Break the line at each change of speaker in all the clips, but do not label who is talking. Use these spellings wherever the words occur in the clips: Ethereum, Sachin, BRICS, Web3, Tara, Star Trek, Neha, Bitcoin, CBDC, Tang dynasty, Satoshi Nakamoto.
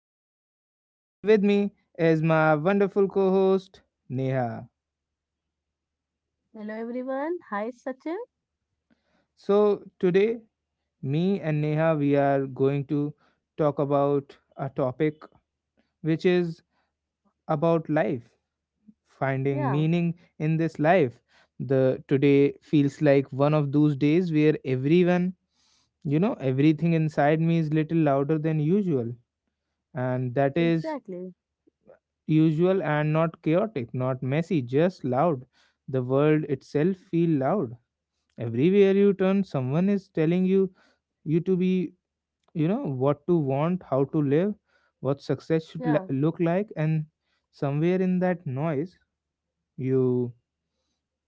Sachin, and with me is my wonderful co host, Neha.
Hello everyone. Hi Sachin.
So, today, me and Neha, we are going to talk about a topic which is about life, finding
Yeah,
meaning in this life. The today feels like one of those days where everyone everything inside me is little louder than usual, and that is
exactly.
usual and not chaotic, not messy, just loud. The world itself feel loud. Everywhere you turn, someone is telling you to be, what to want, how to live, what success should
Yeah,
look like, and somewhere in that noise, you,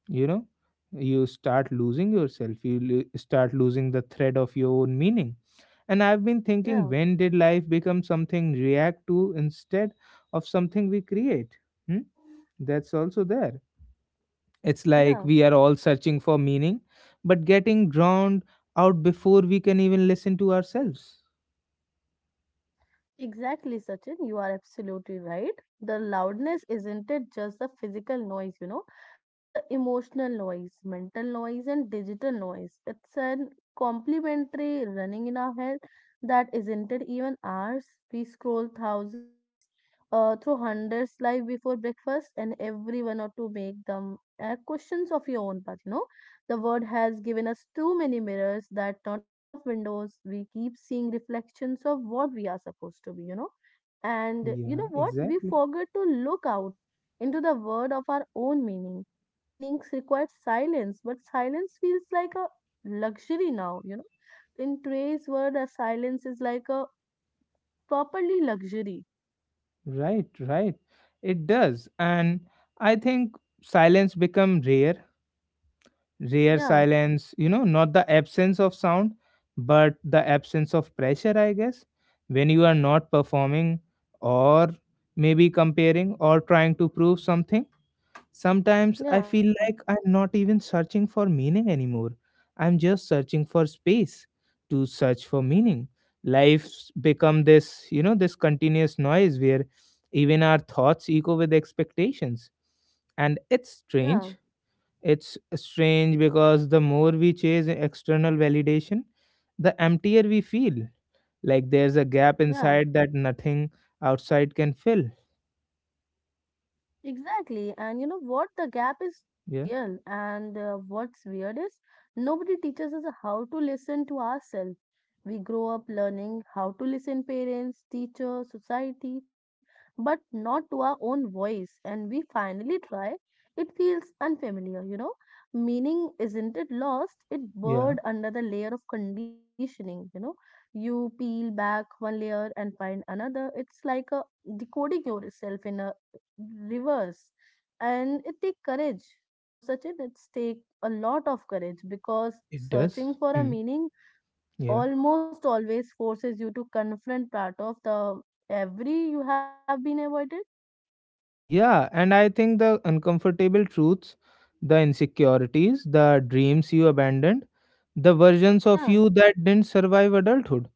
you know, you start losing yourself. You start losing the thread of your own meaning. And I've been
yeah,
thinking, when did life become something react to instead of something we create? Hmm? That's also there. It's like
yeah.
we are all searching for meaning, but getting drowned out before we can even listen to ourselves.
Exactly, Sachin. You are absolutely right. The loudness isn't it just the physical noise, you know? It's a emotional noise, mental noise and digital noise. It's an complementary running in our head that isn't it even ours. We scroll thousands through hundreds live before breakfast and every one or two make them questions of your own path, you know? The world has given us too many mirrors that not enough windows. We keep seeing reflections of what we are supposed to be, you know. And you
Yeah,
know what? We
exactly.
forget to look out into the world of our own meaning. Meanings require silence, but silence feels like a luxury now, you know. In today's world, a silence is like a properly luxury.
Right, right. It does. And I think silence become rare. Rare
Yeah,
silence, not the absence of sound, but the absence of pressure, I guess. When you are not performing or maybe comparing or trying to prove something. Sometimes I
yeah,
feel like I'm not even searching for meaning anymore. I'm just searching for space to search for meaning. Life's become this, this continuous noise where even our thoughts echo with expectations. And it's
yeah,
strange. It's strange because the more we chase external validation, the emptier we feel. Like there's a gap
yeah.
inside that nothing outside can fill.
Exactly. And you know what? The gap is too
Yeah.
real. And what's weird is nobody teaches us how to listen to ourselves. We grow up learning how to listen parents, teachers, society, but not to our own voice. And we finally try. It feels unfamiliar, you know. Meaning isn't it lost? It
Yeah.
buried under the layer of conditioning, you know. You peel back one layer and find another. It's like a decoding yourself in a reverse and it take courage you know such it's take a lot of courage because
It does.
searching for a
Hmm.
meaning
Yeah.
almost always forces you to confront part of the every you have been avoided
Yeah, and I think the uncomfortable truths, the insecurities, the dreams you abandoned, the versions of
yeah
you that didn't survive adulthood.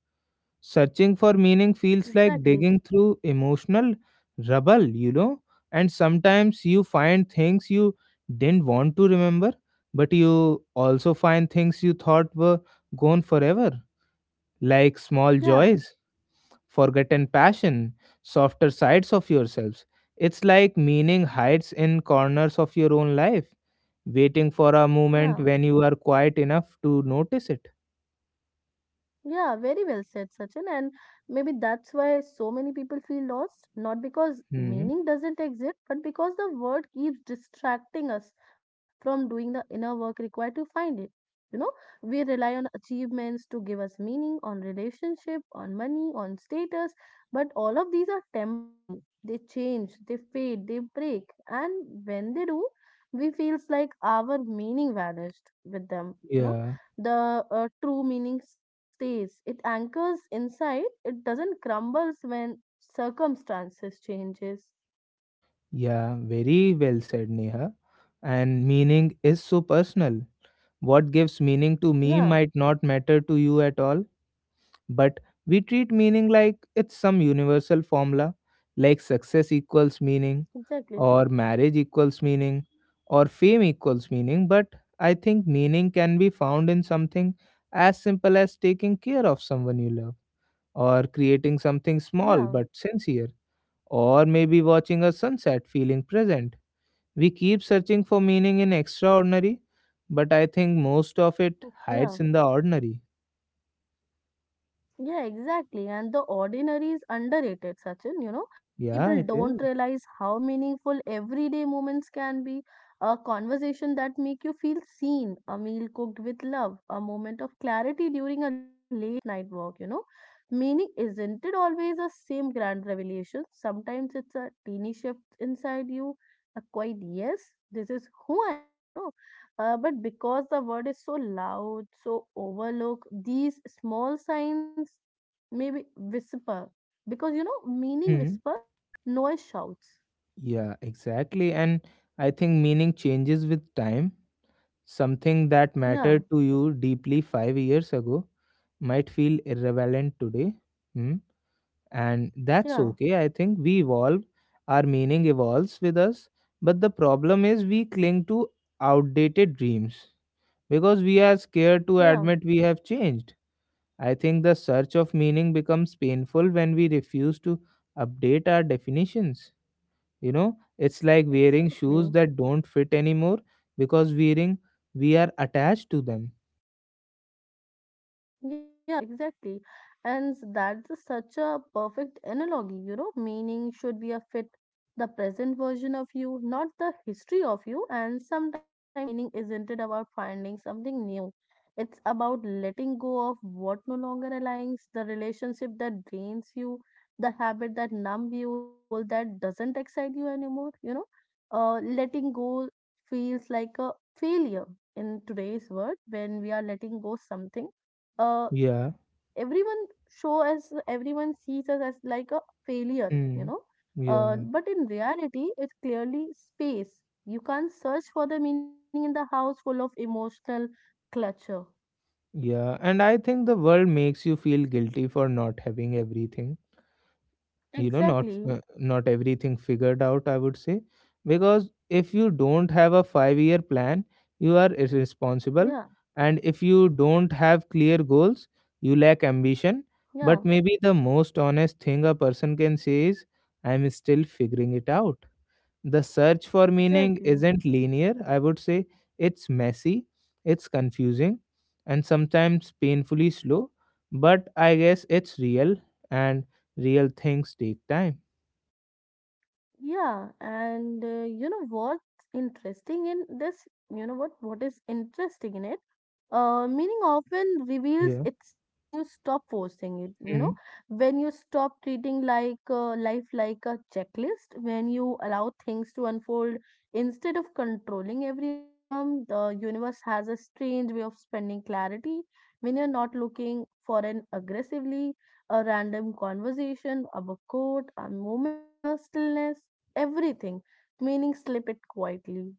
Searching for meaning feels like
exactly
digging through emotional rubble, you know? And sometimes you find things you didn't want to remember, but you also find things you thought were gone forever, like small
yeah
joys forgotten passion, softer sides of yourselves. It's like meaning hides in corners of your own life, waiting for a moment
yeah.
when you are quiet enough to notice it.
Yeah, very well said, Sachin. And maybe that's why so many people feel lost, not because
Hmm.
meaning doesn't exist, but because the word keeps distracting us from doing the inner work required to find it. You know, we rely on achievements to give us meaning, on relationship, on money, on status, but all of these are temporary. They change, they fade, they break. And when they do, we feels like our meaning vanished with them. You know
Yeah.
the true meaning stays. It anchors inside. It doesn't crumbles when circumstances changes.
Yeah. Very well said, Neha. And meaning is so personal. What gives meaning to
Yeah,
me might not matter to you at all, but we treat meaning like it's some universal formula, like success equals meaning
exactly.
or marriage equals meaning or fame equals meaning, but I think meaning can be found in something as simple as taking care of someone you love or creating something
Yeah,
small but sincere or maybe watching a sunset feeling present. We keep searching for meaning in extraordinary, but I think most of it
yeah.
hides in the ordinary.
Yeah, exactly. And the ordinary is underrated, Sachin. You know,
Yeah,
people
it
don't
is.
realize how meaningful everyday moments can be. A conversation that make you feel seen, a meal cooked with love, a moment of clarity during a late night walk, you know. Meaning isn't it always the same grand revelation? Sometimes it's a teeny shift inside you, a quiet yes, this is who I am, you know, but because the word is so loud, so overlooked, these small signs maybe whisper. Because you know, meaning
Hmm.
whispers, noise shouts.
Yeah, exactly. And I think meaning changes with time. Something that mattered
Yeah,
to you deeply 5 years ago might feel irrelevant today. Hmm? And
yeah,
that's okay. I think we evolve, our meaning evolves with us. But the problem is we cling to outdated dreams because we are scared to
yeah,
admit we have changed. I think the search of meaning becomes painful when we refuse to update our definitions. You know, it's like wearing shoes
exactly.
that don't fit anymore because wearing we are attached to them.
Yeah, exactly. And such a perfect analogy, you know. Meaning should be a fit the present version of you, not the history of you. And sometimes meaning isn't it about finding something new. It's about letting go of what no longer aligns, the relationship that drains you, the habit that numb you, the goal that doesn't excite you anymore, you know. Letting go feels like a failure in today's world when we are letting go something uh,
Yeah.
everyone show us everyone sees us as like a failure you
Hmm.
know
Yeah,
but in reality it's clearly space. You can't search for the meaning in the house full of emotional clutter.
yeah, and I think the world makes you feel guilty for not having everything, not
Exactly.
uh, not everything figured out, I would say, because if you don't have a 5-year plan, you are
Yeah,
irresponsible, and if you don't have clear goals, you lack ambition.
yeah,
But maybe the most honest thing a person can say is, I'm still figuring it out. The search for meaning
exactly.
isn't linear, I would say. It's messy, it's confusing, and sometimes painfully slow, but I guess it's real and real things take time.
Yeah, and you know what's interesting in this you know what is interesting in it. Meaning often reveals
Yeah.
itself when you stop forcing it, you know,
Hmm.
when you stop treating like life like a checklist. When you allow things to unfold instead of controlling every outcome, the universe has a strange way of spending clarity. When you're not looking for an aggressively a random conversation of a book quote, a moment of a stillness, everything, meaning slip it quietly,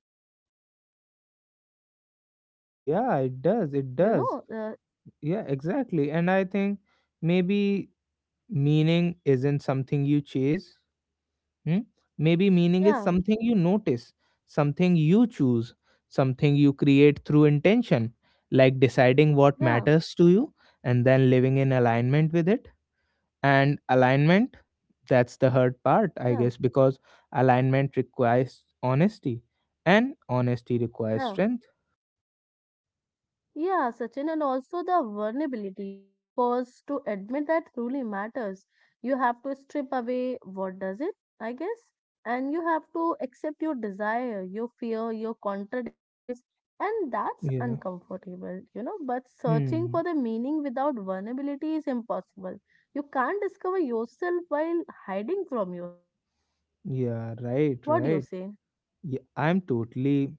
Yeah, it does. It
you
does.
know.
Yeah, exactly. And I think maybe meaning isn't something you chase. Hmm? Maybe meaning is
Yeah,
something you notice, something you choose, something you create through intention, like deciding what
yeah,
matters to you and then living in alignment with it. And alignment, that's the hard part, I
yeah,
guess, because alignment requires honesty and honesty requires
yeah.
strength.
Yeah, Sachin, and also the vulnerability, you know, because to admit that truly matters, you have to strip away what does it, I guess, and you have to accept your desire, your fear, your contradictions, and that's
Yeah.
uncomfortable, you know. But searching for
Hmm.
the meaning without vulnerability is impossible. You can't discover yourself while hiding from yourself.
Yeah, right,
What do you
right.
say?
Yeah, I'm totally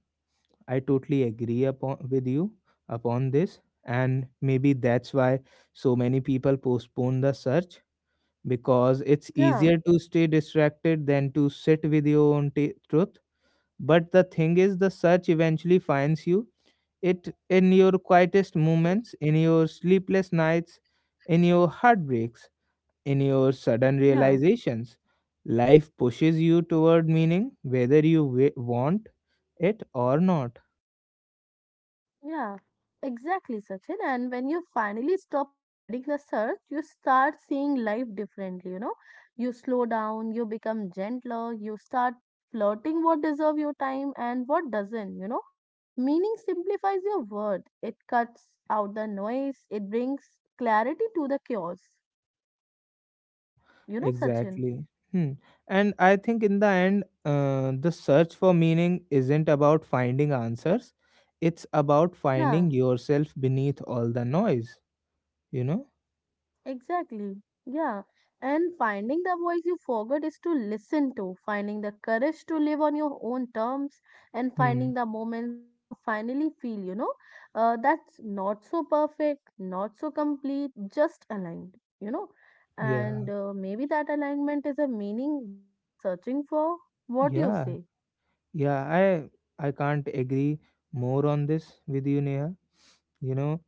I totally agree upon with you upon this, and maybe that's why so many people postpone the search because it's
Yeah,
easier to stay distracted than to sit with your own truth, but the thing is the search eventually finds you, it in your quietest moments, in your sleepless nights, in your heartbreaks, in your sudden
yeah.
realizations. Life pushes you toward meaning whether you want it or not.
Yeah, exactly, Sachin. And when you finally stop avoiding the search, you start seeing life differently, you know. You slow down, you become gentler, you start flirting what deserve your time and what doesn't, you know. Meaning simplifies your word. It cuts out the noise, it brings clarity to the chaos. You know, Sachin.
Exactly. Hmm. And I think in the end, the search for meaning isn't about finding answers, it's about
Yeah.
finding yourself beneath all the noise, you know?
Exactly. Yeah. And finding the voice you forgot is to listen to, finding the courage to live on your own terms, and
Hmm.
finding the moments where you finally feel, you know, that's not so perfect, not so complete, just aligned, you know. And
Yeah.
maybe that alignment is a meaning we are searching for. What do you say?
Yeah. Yeah. I can't agree more on this with you, Neha. You know,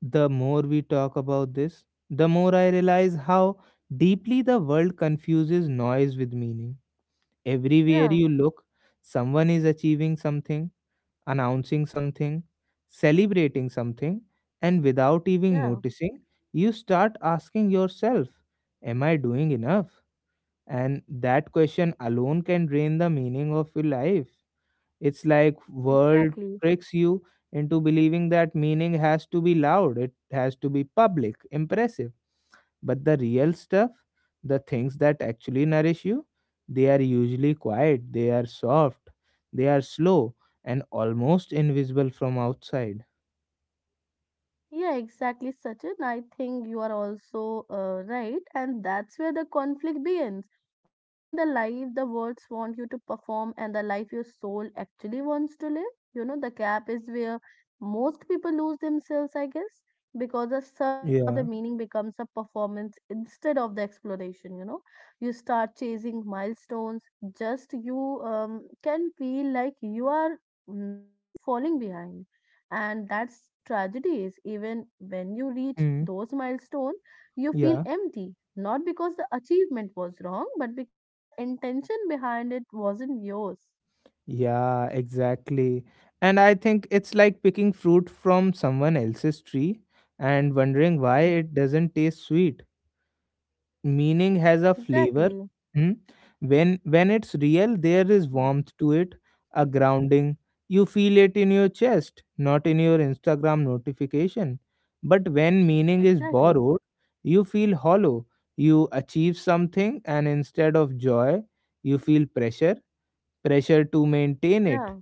the more we talk about this, the more I realize how deeply the world confuses noise with meaning. Everywhere
Yeah,
you look, someone is achieving something, announcing something, celebrating something, and without even
yeah,
noticing, you start asking yourself, am I doing enough? And that question alone can drain the meaning of your life. It's like world
exactly.
tricks you into believing that meaning has to be loud, it has to be public, impressive, but the real stuff, the things that actually nourish you, they are usually quiet, they are soft, they are slow, and almost invisible from outside.
Yeah, exactly, Sachin. I think you are also right, and that's where the conflict begins between the life the words want you to perform and the life your soul actually wants to live. You know, the gap is where most people lose themselves, I guess, because the search for the
Yeah.
meaning becomes a performance instead of the exploration. You know, you start chasing milestones, just you can feel like you are not falling behind. And that's tragedies. Even when you reach
Mm.
those milestones, you feel
Yeah.
empty, not because the achievement was wrong, but because the intention behind it wasn't yours.
Yeah, exactly. And I think it's like picking fruit from someone else's tree and wondering why
Yeah,
it doesn't taste sweet. Meaning has a flavor.
exactly.
Hmm. When it's real, there is warmth to it, a grounding. You feel it in your chest, not in your Instagram notification. But when meaning is
Exactly.
borrowed, you feel hollow. You achieve something, and instead of joy, you feel pressure. Pressure to maintain it,
Yeah.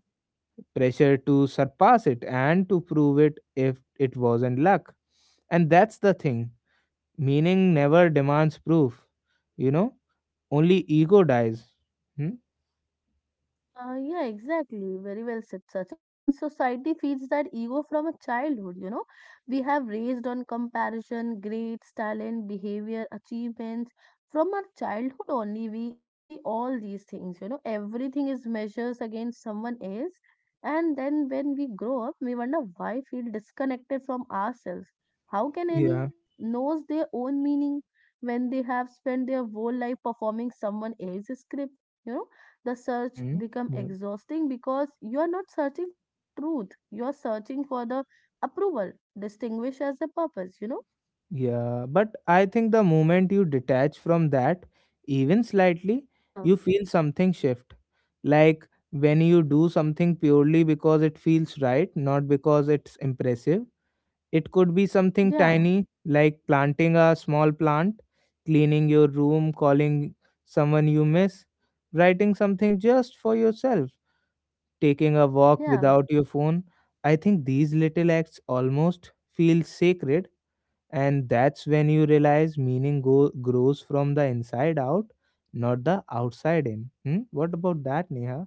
pressure to surpass it, and to prove it if it wasn't luck. And that's the thing. Meaning never demands proof, you know only ego dies. Hmm?
Yeah, exactly. Very well said, Sachin. And society feeds that ego from a childhood, you know. We have raised on comparison, grades, talent, behavior, achievements. From our childhood only, we see all these things, you know. Everything is measures against someone else. And then when we grow up, we wonder why feel disconnected from ourselves. How can
Yeah.
anyone knows their own meaning when they have spent their whole life performing someone else's script? You know, the search
Hmm.
become
R-
exhausting because you are not searching for your truth, you are searching for the approval distinguished as the purpose, you know.
Yeah, but I think the moment you detach from that, even slightly,
Yeah,
you feel something shift. Like when you do something purely because it feels right, not because it's impressive. It could be something
yeah,
tiny, like planting a small plant, cleaning your room, calling someone you miss, writing something just for yourself, taking a walk
yeah.
without your phone. I think these little acts almost feel sacred, and that's when you realize meaning grows from the inside out, not the outside in. Hmm? What about that, Neha?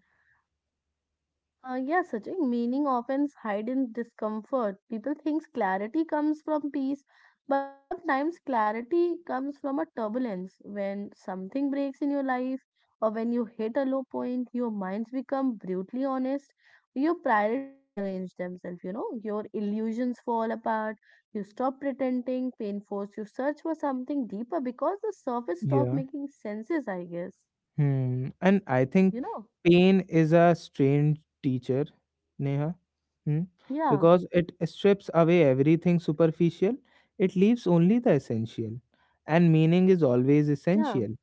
Yeah, Sachin, meaning often hide in discomfort. People think clarity comes from peace, but sometimes clarity comes from a turbulence. When something breaks in your life, or when you hit a low point, your minds become brutally honest. Your priority rearrange themselves, you know, your illusions fall apart, you stop pretending, pain force, you search for something deeper because the surface stop
Yeah.
making senses, I guess.
Hmm. And I think
You know?
pain is a strange teacher, Neha. Hmm?
Yeah,
Because it strips away everything superficial, it leaves only the essential. And meaning is always
yeah,
essential.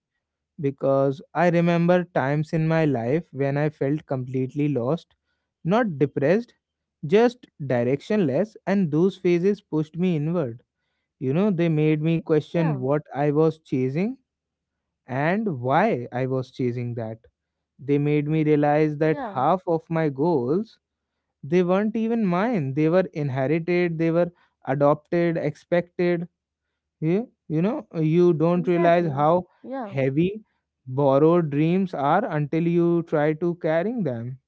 Because I remember times in my life when I felt completely lost, not depressed, just directionless, and those phases pushed me inward. You know, they made me
yeah,
question what I was chasing and why I was chasing that. They made me realize that
yeah.
half of my goals, they weren't even mine. They were inherited, they were adopted, expected, yeah, you don't
Exactly.
realize how
Yeah,
heavy borrowed dreams are until you try to carrying them.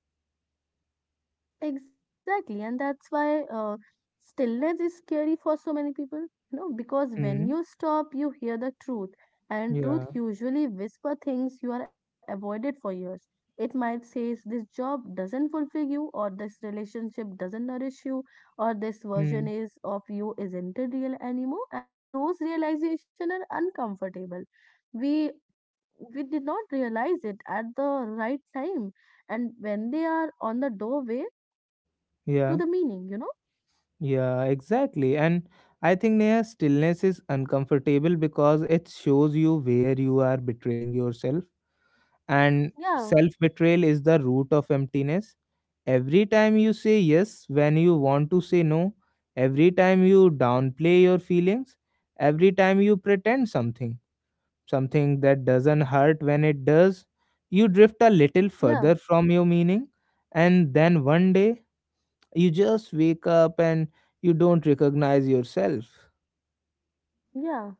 exactly. And that's why stillness is scary for so many people, you know, because when
Mm,
you stop, you hear the truth. And truth
yeah.
usually whisper things you are avoided for years. It might say this job doesn't fulfill you, or this relationship doesn't nourish you, or this
Mm,
version is of you isn't real anymore. And those realizations are uncomfortable. We we did not realize it at the right time and when they are on the doorway to the
yeah.
meaning, you know.
Yeah, exactly. And I think Neha, stillness is uncomfortable because it shows you where you are betraying yourself. And
Yeah.
self betrayal is the root of emptiness. Every time you say yes when you want to say no, every time you downplay your feelings, every time you pretend something that doesn't hurt when it does. You drift a little
Yeah.
further from your meaning, and then one day you just wake up and you don't recognize yourself.
Yeah,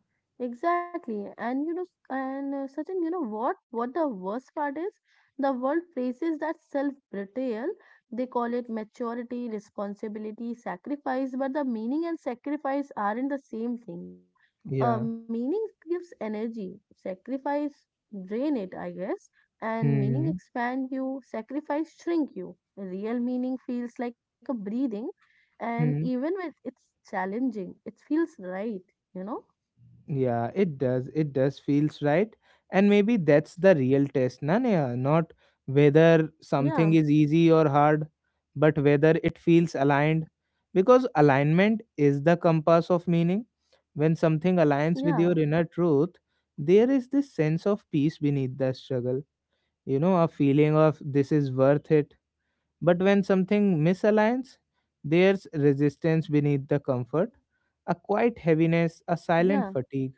exactly. And you know, and Sachin, you know what? What the worst part is? The world praises that self-betrayal. They call it maturity, responsibility, sacrifice, but the meaning and sacrifice aren't the same thing, you know?
Yeah.
Meaning gives energy, sacrifice drain it, I guess, and meaning
Hmm.
expand you, sacrifice shrink you. Real meaning feels like a breathing, and
Hmm.
even when it's challenging, it feels right, you know?
Yeah, it does. It does feels right. And maybe that's the real test, Nanya, not whether something
Yeah,
is easy or hard, but whether it feels aligned. Because alignment is the compass of meaning. When something aligns with
yeah,
your inner truth, there is this sense of peace beneath the struggle, a feeling of this is worth it. But when something misaligns, there's resistance beneath the comfort, a quiet heaviness, a
yeah,
silent fatigue.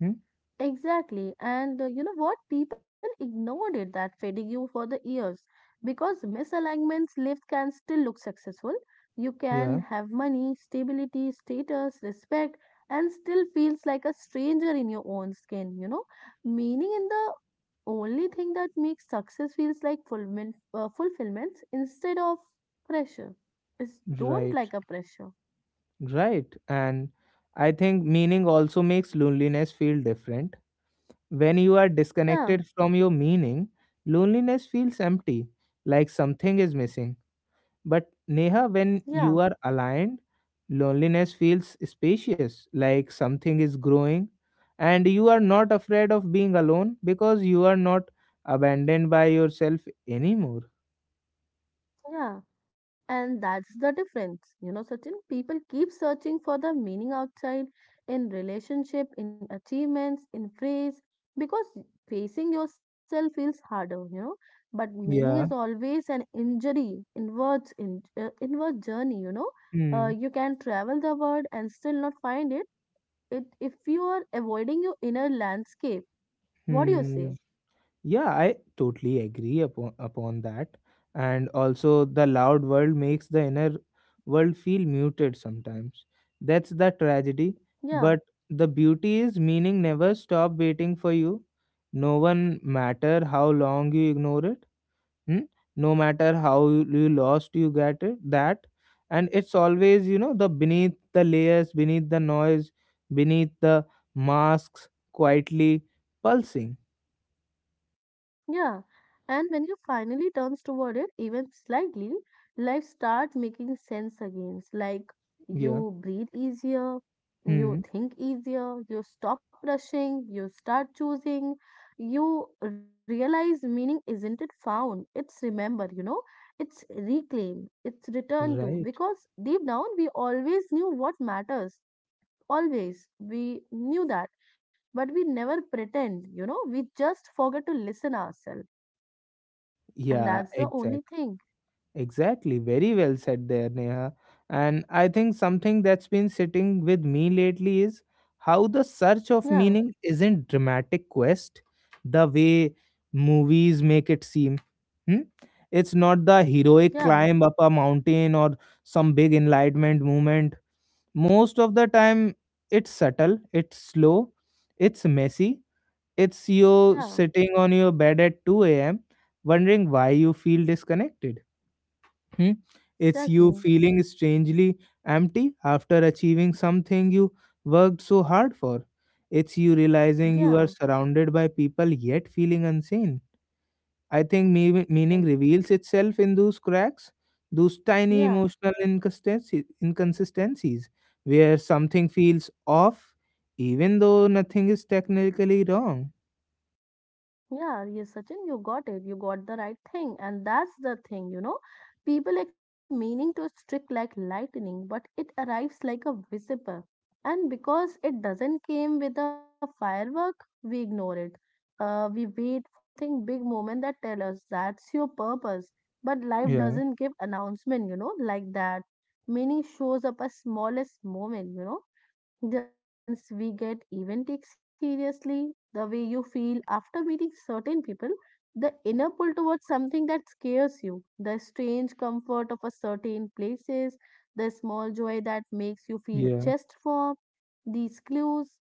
Hmm?
exactly. And you know what? People ignored it that fatigue for the years because misalignments lived can still look successful. You can
Yeah,
have money, stability, status, respect, and still feels like a stranger in your own skin, you know? Meaning in the only thing that makes success feels like fulfillment, fulfillments instead of pressure. It's don't
right,
like a pressure.
right. And I think meaning also makes loneliness feel different. When you are
Yeah,
disconnected from your meaning, loneliness feels empty, like something is missing. But Neha, when
yeah.
you are aligned, loneliness feels spacious, like something is growing, and you are not afraid of being alone because you are not abandoned by yourself anymore.
Yeah, and that's the difference. You know, certain people keep searching for the meaning outside, in relationship, in achievements, in praise, because facing yourself feels harder, you know. But meaning is
Yeah.
always an injury, inwards, inward journey, you know.
Hmm.
You can travel the world and still not find it. It if you are avoiding your inner landscape. What do you say?
Hmm. Yeah, I totally agree upon that. And also, the loud world makes the inner world feel muted sometimes. That's the tragedy.
Yeah.
But the beauty is meaning never stop waiting for you. No one matter how long you ignore it. Hmm? No matter how you lost, you get it. That, and it's always the beneath the layers, beneath the noise, beneath the masks, quietly pulsing.
Yeah, and when you finally turns toward it, even slightly, life starts making sense again. Like
Yeah.
you breathe easier,
Hmm.
you think easier, you stop rushing, you start choosing, you realize meaning isn't it found, it's remember, you know, it's reclaim, it's return to.
Right.
Because deep down, we always knew what matters. Always. We knew that, but we never pretend, you know, we just forget to listen ourselves. And
Yeah,
that's the only thing.
exactly. Very well said there, Neha. And I think something that's been sitting with me lately is how the search of
Yeah,
meaning isn't dramatic quest the way movies make it seem. Hmm? It's not the heroic
yeah,
climb up a mountain or some big enlightenment moment. Most of the time it's subtle, it's slow, it's messy. It's you
yeah,
sitting on your bed at 2 a.m., wondering why you feel disconnected. Hmm? It's you
exactly.
feeling strangely empty after achieving something you worked so hard for. It's you realizing you
Yeah,
are surrounded by people yet feeling unseen. I think meaning
like,
reveals itself in those cracks, those tiny
yeah.
emotional inconsistencies where something feels off even though nothing is technically wrong.
Yeah, yes, Sachin, you got it. You got the right thing. And that's the thing, you know. People expect meaning to streak like lightning, but it arrives like a visible. And because it doesn't came with a firework, we ignore it. We wait for something big moment that tell us that's your purpose. But life
Yeah,
doesn't give announcement, you know, like that. Meaning shows up as smallest moment, you know the ones we get even take seriously, the way you feel after meeting certain people, the inner pull towards something that scares you, the strange comfort of a certain places, the small joy that makes you feel
yeah.
chest warm, these clues,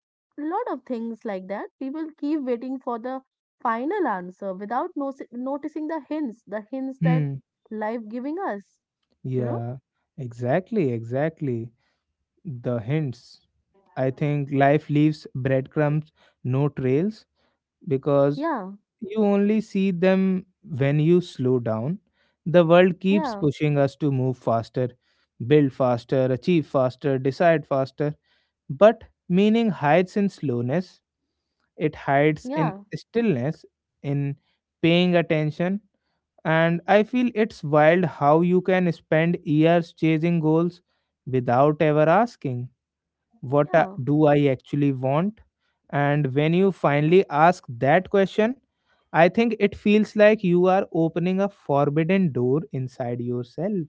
lot of things like that. People keep waiting for the final answer without noticing the hints that
Hmm.
life giving us, you know?
Yeah, exactly, exactly. The hints. I think life leaves breadcrumbs, no trails, because
Yeah,
you only see them when you slow down. The world keeps
yeah,
pushing us to move faster, build faster, achieve faster, decide faster. But meaning hides in slowness, it hides
yeah,
in stillness, in paying attention. And I feel it's wild how you can spend years chasing goals without ever asking,
yeah.
do I actually want? And when you finally ask that question, I think it feels like you are opening a forbidden door inside yourself.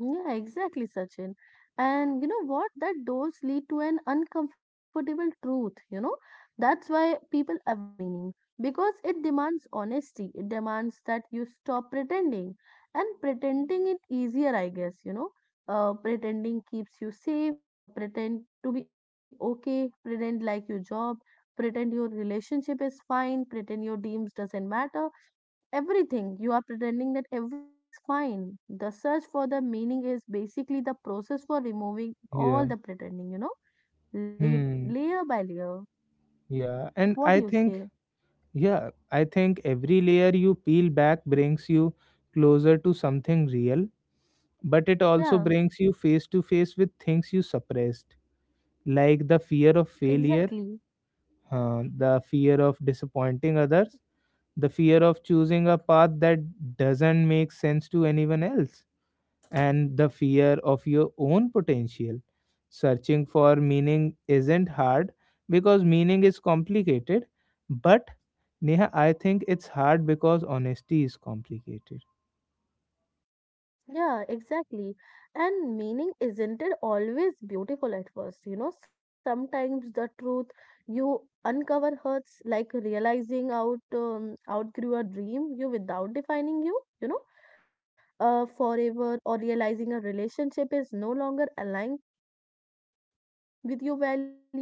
Yeah, exactly, Sachin. And you know what? That does lead to an uncomfortable truth, you know? That's why people avoid meaning because it demands honesty. It demands that you stop pretending. And pretending it easier, I guess, you know? Pretending keeps you safe. The pretend to be okay, pretend like your job, pretend your relationship is fine, pretend your dreams doesn't matter everything you are pretending that everything is fine the search for the meaning is basically the process for removing all
Yeah.
the pretending, you know,
Hmm.
layer by layer.
Yeah. And
What do you
I think,
say?
yeah, I think every layer you peel back brings you closer to something real, but it also
Yeah,
brings you face to face with things you suppressed, like the fear of
exactly.
failure, the fear of disappointing others, the fear of choosing a path that doesn't make sense to anyone else, and the fear of your own potential. Searching for meaning isn't hard because meaning is complicated, but Neha, I think it's hard because honesty is complicated.
Yeah, exactly. And meaning isn't it always beautiful at first? You know, sometimes the truth you uncover hurts, like realizing out outgrew a dream you without defining you, you know, forever, or realizing a relationship is no longer aligned with your values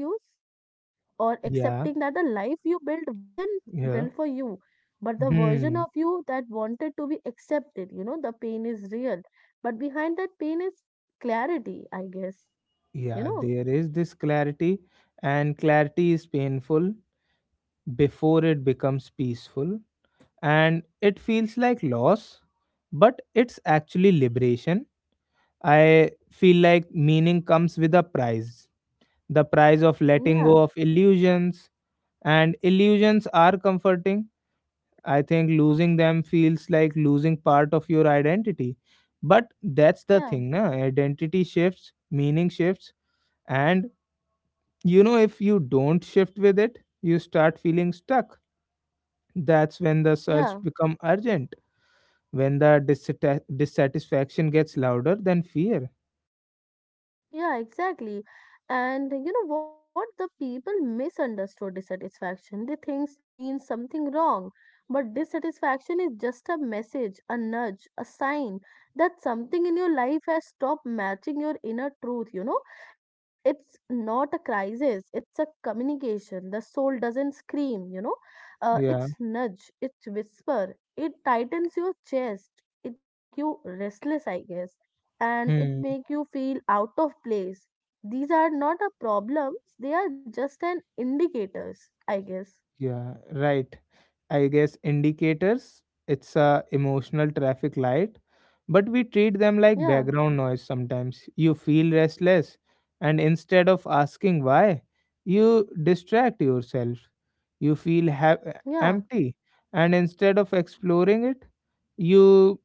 or accepting that
Yeah,
the life you built wasn't
yeah.
built for you but the version
Hmm.
of you that wanted to be accepted, you know, the pain is real but behind that pain is clarity, I guess, you
Yeah,
know.
there is this clarity, and clarity is painful before it becomes peaceful, and it feels like loss but it's actually liberation. I feel like meaning comes with a price, the price of letting go
yeah
of illusions, and illusions are comforting. I think losing them feels like losing part of your identity, but that's the
yeah
thing, na, identity shifts, meaning shifts, and you know if you don't shift with it you start feeling stuck. That's when the
yeah
search become urgent, when the dissatisfaction gets louder than fear.
Yeah, exactly. And you know what? The people misunderstood dissatisfaction. They think it means something wrong. But dissatisfaction is just a message, a nudge, a sign that something in your life has stopped matching your inner truth. You know, it's not a crisis, it's a communication. The soul doesn't scream, you know, it's
Yeah,
nudge, it's whisper, it tightens your chest, it make you restless, I guess and it
Hmm.
make you feel out of place. These are not a problems, they are just an indicators, I guess.
Yeah, right. I guess indicators, it's a emotional traffic light, but we treat them like
Yeah,
background noise sometimes. You feel restless, and instead of asking why, you distract yourself. You feel
yeah.
empty, and instead of exploring it, you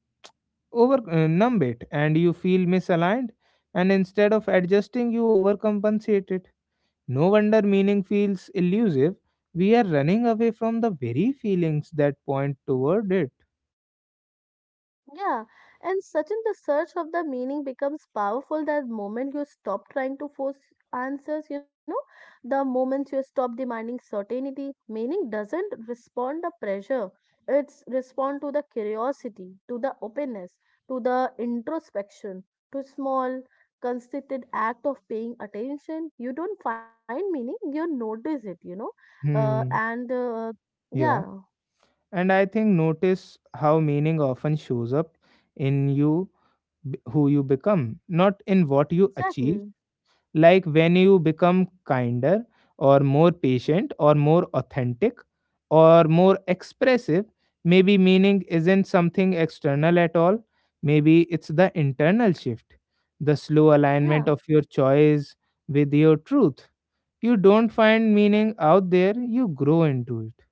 over numb it, and you feel misaligned, and instead of adjusting you overcompensate it. No wonder meaning feels elusive. We are running away from the very feelings that point toward it.
Yeah, and Sachin, the search of the meaning becomes powerful the moment you stop trying to force answers, you know, the moment you stop demanding certainty. Meaning doesn't respond the pressure, it's respond to the curiosity, to the openness, to the introspection, to small, consistent act of paying attention. You don't find meaning, you notice it, you know,
Hmm
and
yeah,
yeah,
and I think notice how meaning often shows up in you, who you become, not in what you achieve.
exactly,
Like when you become kinder or more patient or more authentic or more expressive, maybe meaning isn't something external at all. Maybe it's the internal shift, the slow alignment
yeah.
of your choice with your truth. You don't find meaning out there, you grow into it.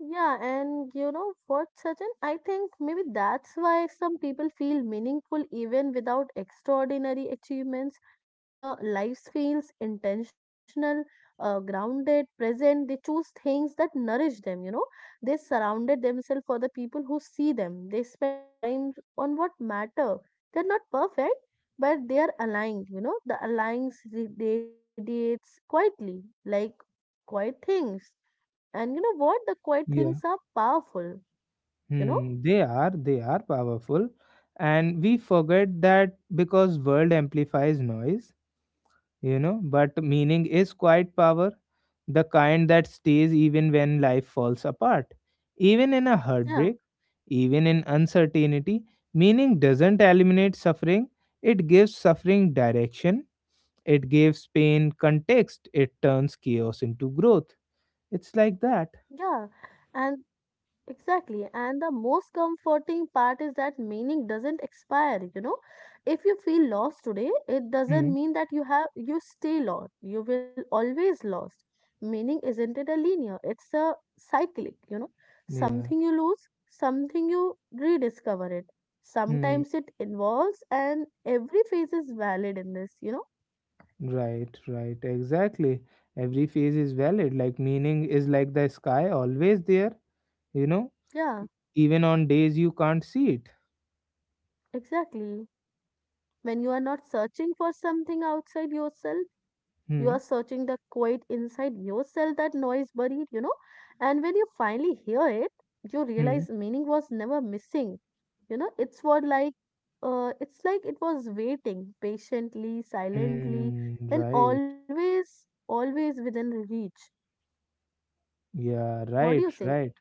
Yeah, and you know what, Sachin? I think maybe that's why some people feel meaningful even without extraordinary achievements. Their lives feels intentional, grounded, present. They choose things that nourish them, you know. They surrounded themselves for the people who see them. They spend time on what matter. They're not perfect, but they are aligned, you know. The alliance radiates quietly, like quiet things and you know what? The quiet things are
Yeah.
powerful, you know?
Hmm. They are, they are powerful, and we forget that because world amplifies noise. You know, but meaning is quiet power, the kind that stays even when life falls apart, even in a
Yeah,
heartbreak, even in uncertainty. Meaning doesn't eliminate suffering, it gives suffering direction, it gives pain context, it turns chaos into growth. It's like that.
yeah. And exactly. And the most comforting part is that meaning doesn't expire, you know? If you feel lost today, it
Hmm.
doesn't mean that you stay lost. You will always lost. Meaning isn't it a linear, it's a cyclic, you know?
Yeah.
Something you lose, something you rediscover it.
Hmm.
Sometimes it involves and every phase is valid in this, you know?
Right, right. Exactly. Every phase is valid. Like meaning is like the sky, always there, you know,
Yeah,
even on days you can't see it.
exactly. When you are not searching for something outside yourself, you are
Hmm
searching the quiet inside yourself, that noise buried, you know. And when you finally hear it, you realize
hmm
meaning was never missing. You know, it's like it was waiting patiently, silently,
hmm
and
right.
always, always within reach.
Yeah,
What do you
right,
say?
right.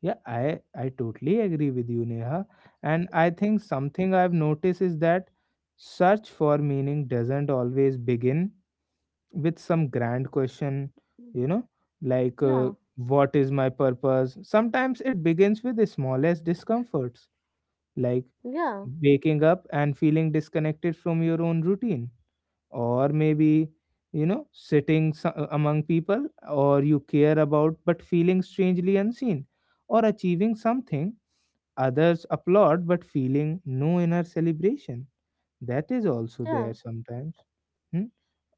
Yeah, I totally agree with you, Neha. And I think something I've noticed is that search for meaning doesn't always begin with some grand question, you know, like
Yeah,
uh, what is my purpose. Sometimes it begins with the smallest discomforts, like
yeah,
waking up and feeling disconnected from your own routine, or maybe, you know, among people or you care about but feeling strangely unseen, or achieving something others applaud but feeling no inner celebration. That is also
yeah,
there sometimes. Hmm?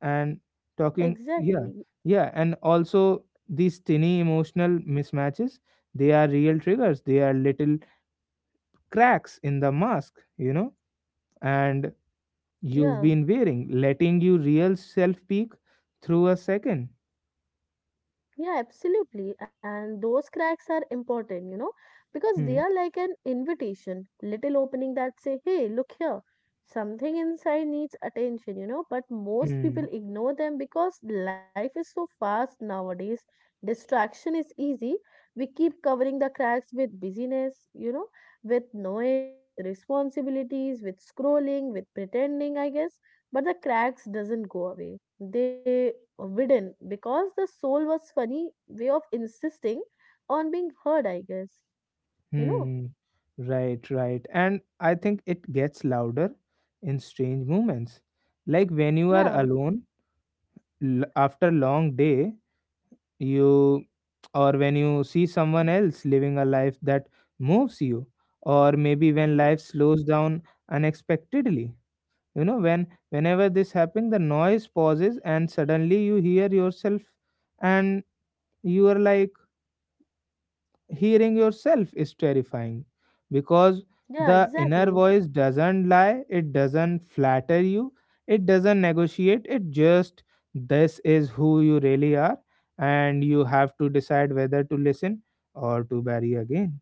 And talking,
exactly.
yeah, yeah, and also these tiny emotional mismatches, they are real triggers, they are little cracks in the mask, you know, and
Yeah.
you've been wearing, letting you real self peek through a second.
Yeah, absolutely. And those cracks are important, you know, because they are
Hmm.
like an invitation, little opening that say, hey, look here, something inside needs attention, you know, but most
Hmm.
people ignore them because life is so fast nowadays. Distraction is easy. We keep covering the cracks with busyness, you know, with noise, with responsibilities, with scrolling, with pretending, I guess, but the cracks doesn't go away they widen because the soul was funny way of insisting on being heard, I guess, you know.
Hmm. Right, right. And I think it gets louder in strange moments. Like when you are
yeah
alone after long day, you, or when you see
Mm,
someone else living a life that moves you, or maybe when
yeah
life slows down unexpectedly. You know, when whenever this happens the noise pauses and suddenly you hear yourself, and you are like, hearing yourself is terrifying because
yeah
the inner
exactly.
voice doesn't lie, it doesn't flatter you, it doesn't negotiate, it just, this is who you really are, and you have to decide whether to listen or to bury again.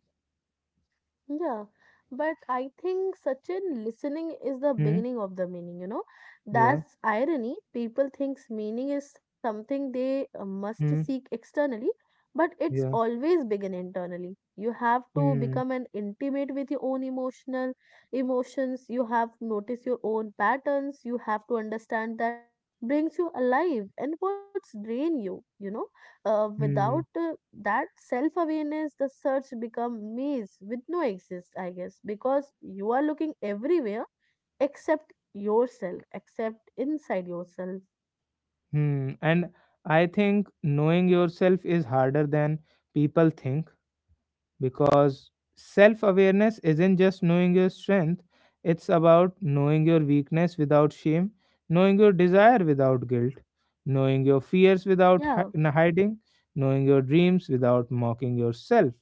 Yeah, but I think Sachin listening is the
Hmm
beginning of the meaning, you know.
yeah
That's irony. People thinks meaning is something they must
hmm
seek externally, but it's
yeah
always begin internally. You have to
hmm
become an intimate with your own emotional emotions. You have to notice your own patterns. You have to understand that brings you alive and what's drain you, you know, uh, without
Hmm.
uh, that self awareness, the search become maze with no exist, I guess, because you are looking everywhere except yourself, except inside yourself.
Hmm. And I think knowing yourself is harder than people think, because self awareness isn't just knowing your strength, it's about knowing your weakness without shame, knowing your desire without guilt, knowing your fears without
Yeah,
hiding, knowing your dreams without mocking yourself.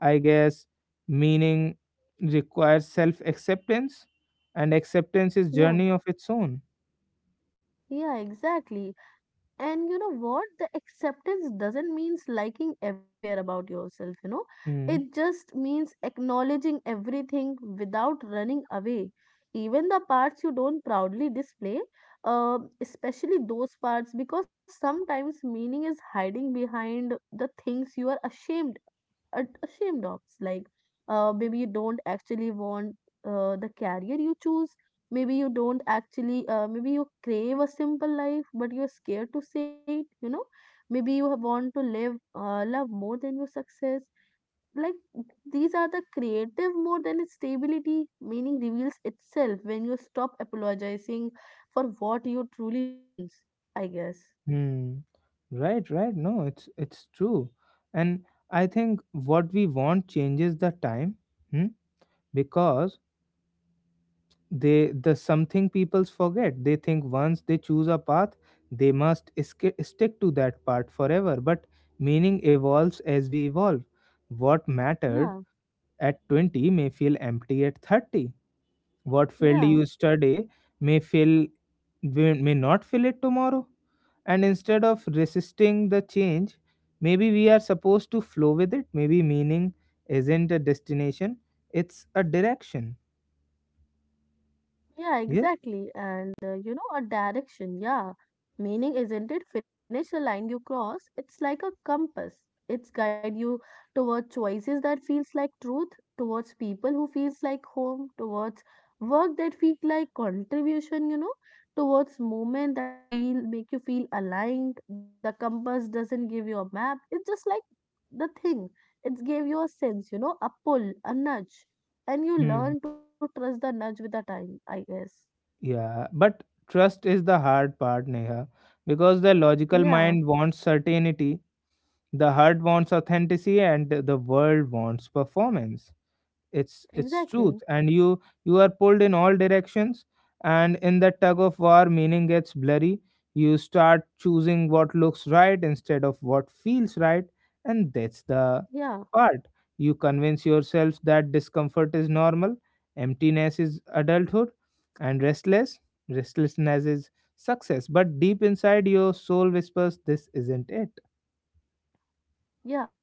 I guess meaning requires self acceptance, and acceptance is
yeah.
journey of its own.
Yeah, exactly. And you know what? The acceptance doesn't means liking everywhere about yourself, you know.
Hmm.
It just means acknowledging everything without running away. Even the parts you don't proudly display, especially those parts, because sometimes meaning is hiding behind the things you are ashamed ashamed of. Like, maybe you don't actually want the career you choose, maybe you don't actually maybe you crave a simple life but you're scared to say it, you know, maybe you have want to live love more than your success like these are the creative more than its stability meaning reveals itself when you stop apologizing for what you truly want, I guess.
Hmm. Right, right. No, it's true. And I think what we want changes the time. Hmm? Because they, the something peoples forget. They think once they choose a path, they must stick to that path forever. But meaning evolves as we evolve. What mattered
yeah
at 20 may feel empty at 30. What failed
yeah
you study may feel, may not fill it tomorrow, and instead of resisting the change, maybe we are supposed to flow with it. Maybe meaning isn't a destination, it's a direction.
Yeah,
Yeah
exactly. And you know, a direction, yeah. Meaning isn't it finish a line you cross? It's like a compass. It's guide you toward choices that feels like truth, towards people who feels like home, towards work that feels like contribution, you know, towards movement that feel make you feel aligned. The compass doesn't give you a map. It's just like the thing. It gave you a sense, you know, a pull, a nudge and you
Hmm.
learn to trust the nudge with the time, I guess.
Yeah, but trust is the hard part, Neha, because the logical
yeah
mind wants certainty, the heart wants authenticity, and the world wants performance. It's
exactly
truth, and you are pulled in all directions, and in that tug of war meaning gets blurry. You start choosing what looks right instead of what feels right, and that's the
yeah
part. You convince yourself that discomfort is normal, emptiness is adulthood, and restlessness is success, but deep inside your soul whispers, this isn't it.
Yeah,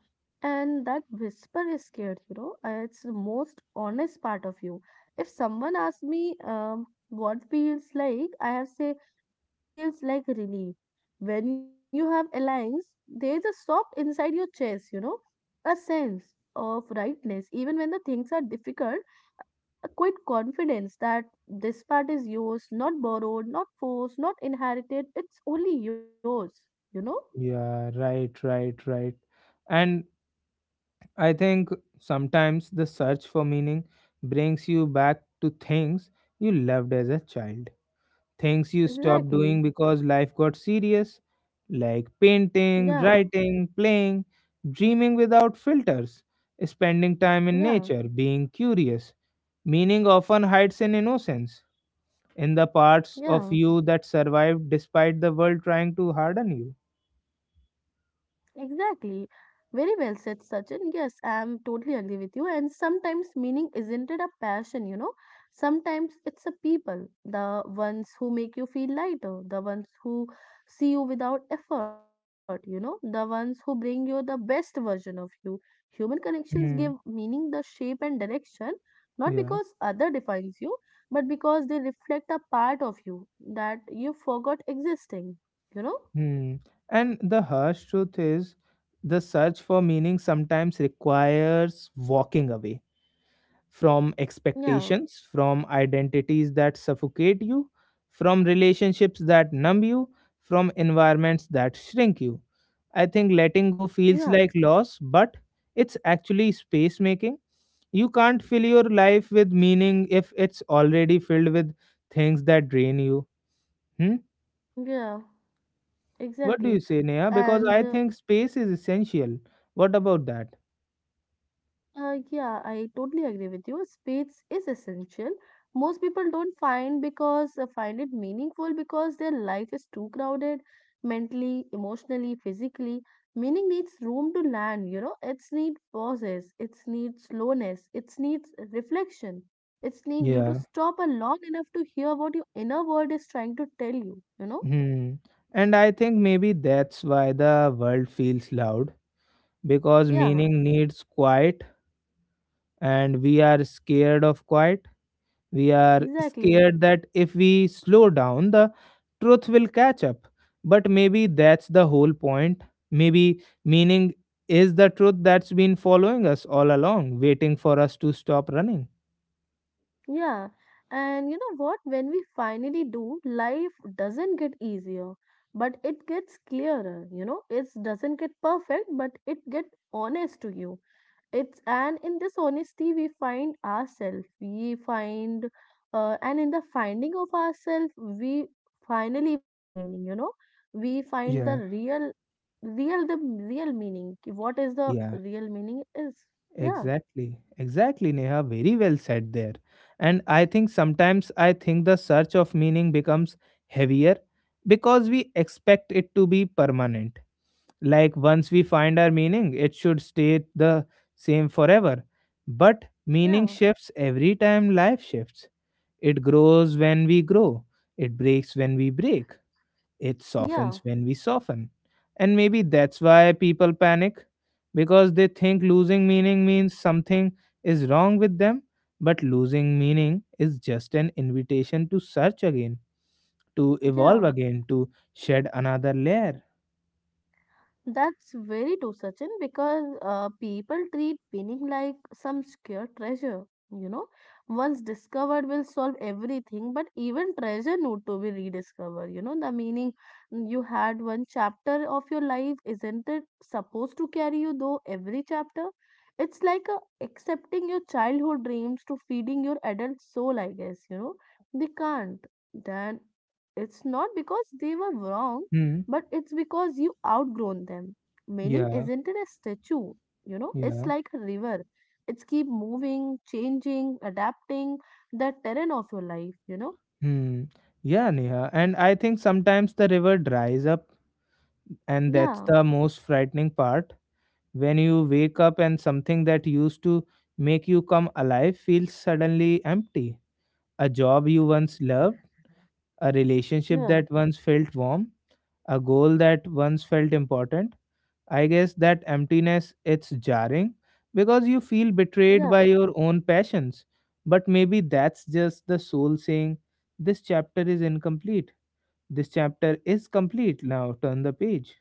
and that whisper is scared, you know, it's the most honest part of you. If someone asks me what feels like, I have say it feels like relief. When you have alliance, there's a soft inside your chest, you know, a sense of rightness. Even when the things are difficult, a quiet confidence that this part is yours, not borrowed, not forced, not inherited. It's only yours, you know?
Yeah, right, right, right. And I think sometimes the search for meaning brings you back to things you loved as a child, things you stopped doing
Exactly.
because life got serious, like
Yeah.
painting, writing, playing, dreaming without filters, spending time in
Yeah,
nature, being curious. Meaning often hides in innocence, in the parts of
yeah,
you that survived despite the world trying to harden you.
exactly. Very well said, Sachin. Yes, I'm totally agree with you. And sometimes meaning isn't it a passion, you know? Sometimes it's a people, the ones who make you feel lighter, the ones who see you without effort, you know, the ones who bring you the best version of you. Human connections give
Hmm.
meaning the shape and direction, not because
Yeah.
other defines you, but because they reflect a part of you that you forgot existing, you know?
Hmm. And the harsh truth is the search for meaning sometimes requires walking away from
Yeah,
expectations, from identities that suffocate you, from relationships that numb you, from environments that shrink you. I think letting go
yeah,
feels like loss, but it's actually space making. You can't fill your life with meaning if it's already filled with things that drain you. Hmm.
yeah,
What do you
exactly.
say, Neha? Because
And
I think space is essential. What about that?
yeah, I totally agree with you. Space is essential. Most people don't find because find it meaningful because their life is too crowded, mentally, emotionally, physically. Meaning needs room to land, you know. It's need pauses, it's need slowness, it's needs reflection. It's need you to
Yeah.
stop a long enough to hear what your inner world is trying to tell you, you know?
Hmm. And I think maybe that's why the world feels loud, because
Yeah,
meaning needs quiet, and we are scared of quiet. We are
exactly.
scared that if we slow down, the truth will catch up. But maybe that's the whole point. Maybe meaning is the truth that's been following us all along, waiting for us to stop running.
Yeah, and you know what? When we finally do, life doesn't get easier, but it gets clearer. You know, it doesn't get perfect, but it gets honest to you. It's and in this honesty, we find ourselves. We find, and in the finding of ourselves, we finally find meaning. You know, we find
Yeah.
the real meaning. What is the
Yeah.
real meaning is? Yeah,
Exactly, exactly, Neha. Very well said there. And I think sometimes, I think the search of meaning becomes heavier because we expect it to be permanent. Like once we find our meaning, it should stay the same forever. But meaning
yeah,
shifts every time life shifts. It grows when we grow, it breaks when we break. It
yeah,
softens when we soften. And maybe that's why people panic, because they think losing meaning means something is wrong with them. But losing meaning is just an invitation to search again, to evolve
yeah.
again, to shed another layer.
That's very true, Sachin, because people treat winning like some secure treasure. You know, once discovered will solve everything, but even treasure need to be rediscovered. You know, the meaning you had one chapter of your life, isn't it supposed to carry you though every chapter? It's like accepting your childhood dreams to feeding your adult soul, I guess. You know, they can't. Then it's not because they were wrong
Hmm.
but it's because you outgrown them. Meaning
Yeah.
isn't it a statue? You know, it's
Yeah.
like a river. It's keep moving, changing, adapting the terrain of your life, you know?
Hmm. Yeah, Neha. And I think sometimes the river dries up, and that's
Yeah,
the most frightening part, when you wake up and something that used to make you come alive feels suddenly empty. A job you once loved, a relationship
yeah,
that once felt warm, a goal that once felt important. I guess that emptiness, it's jarring because you feel betrayed by
yeah.
your own passions. But maybe that's just the soul saying, this chapter is incomplete. This chapter is complete now. Turn the page.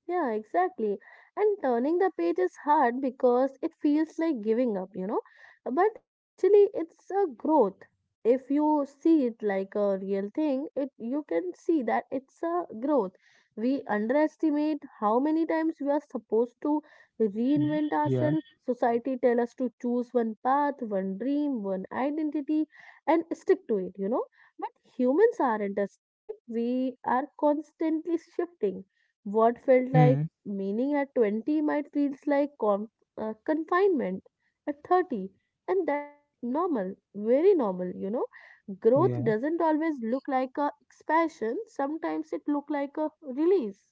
Yeah, exactly. And turning the page is hard because it feels like giving up, you know. But actually, it's a growth. If you see it like a real thing, it you can see that it's a growth. We underestimate how many times we are supposed to
Mm,
reinvent
Yeah.
ourselves. Society tell us to choose one path, one dream, one identity, and stick to it, you know. But humans aren't static. We are constantly shifting what felt like
Hmm.
meaning at 20 might feels like confinement at 30, and that's normal, very normal, you know. Growth
Yeah.
doesn't always look like a expansion, sometimes it look like a release.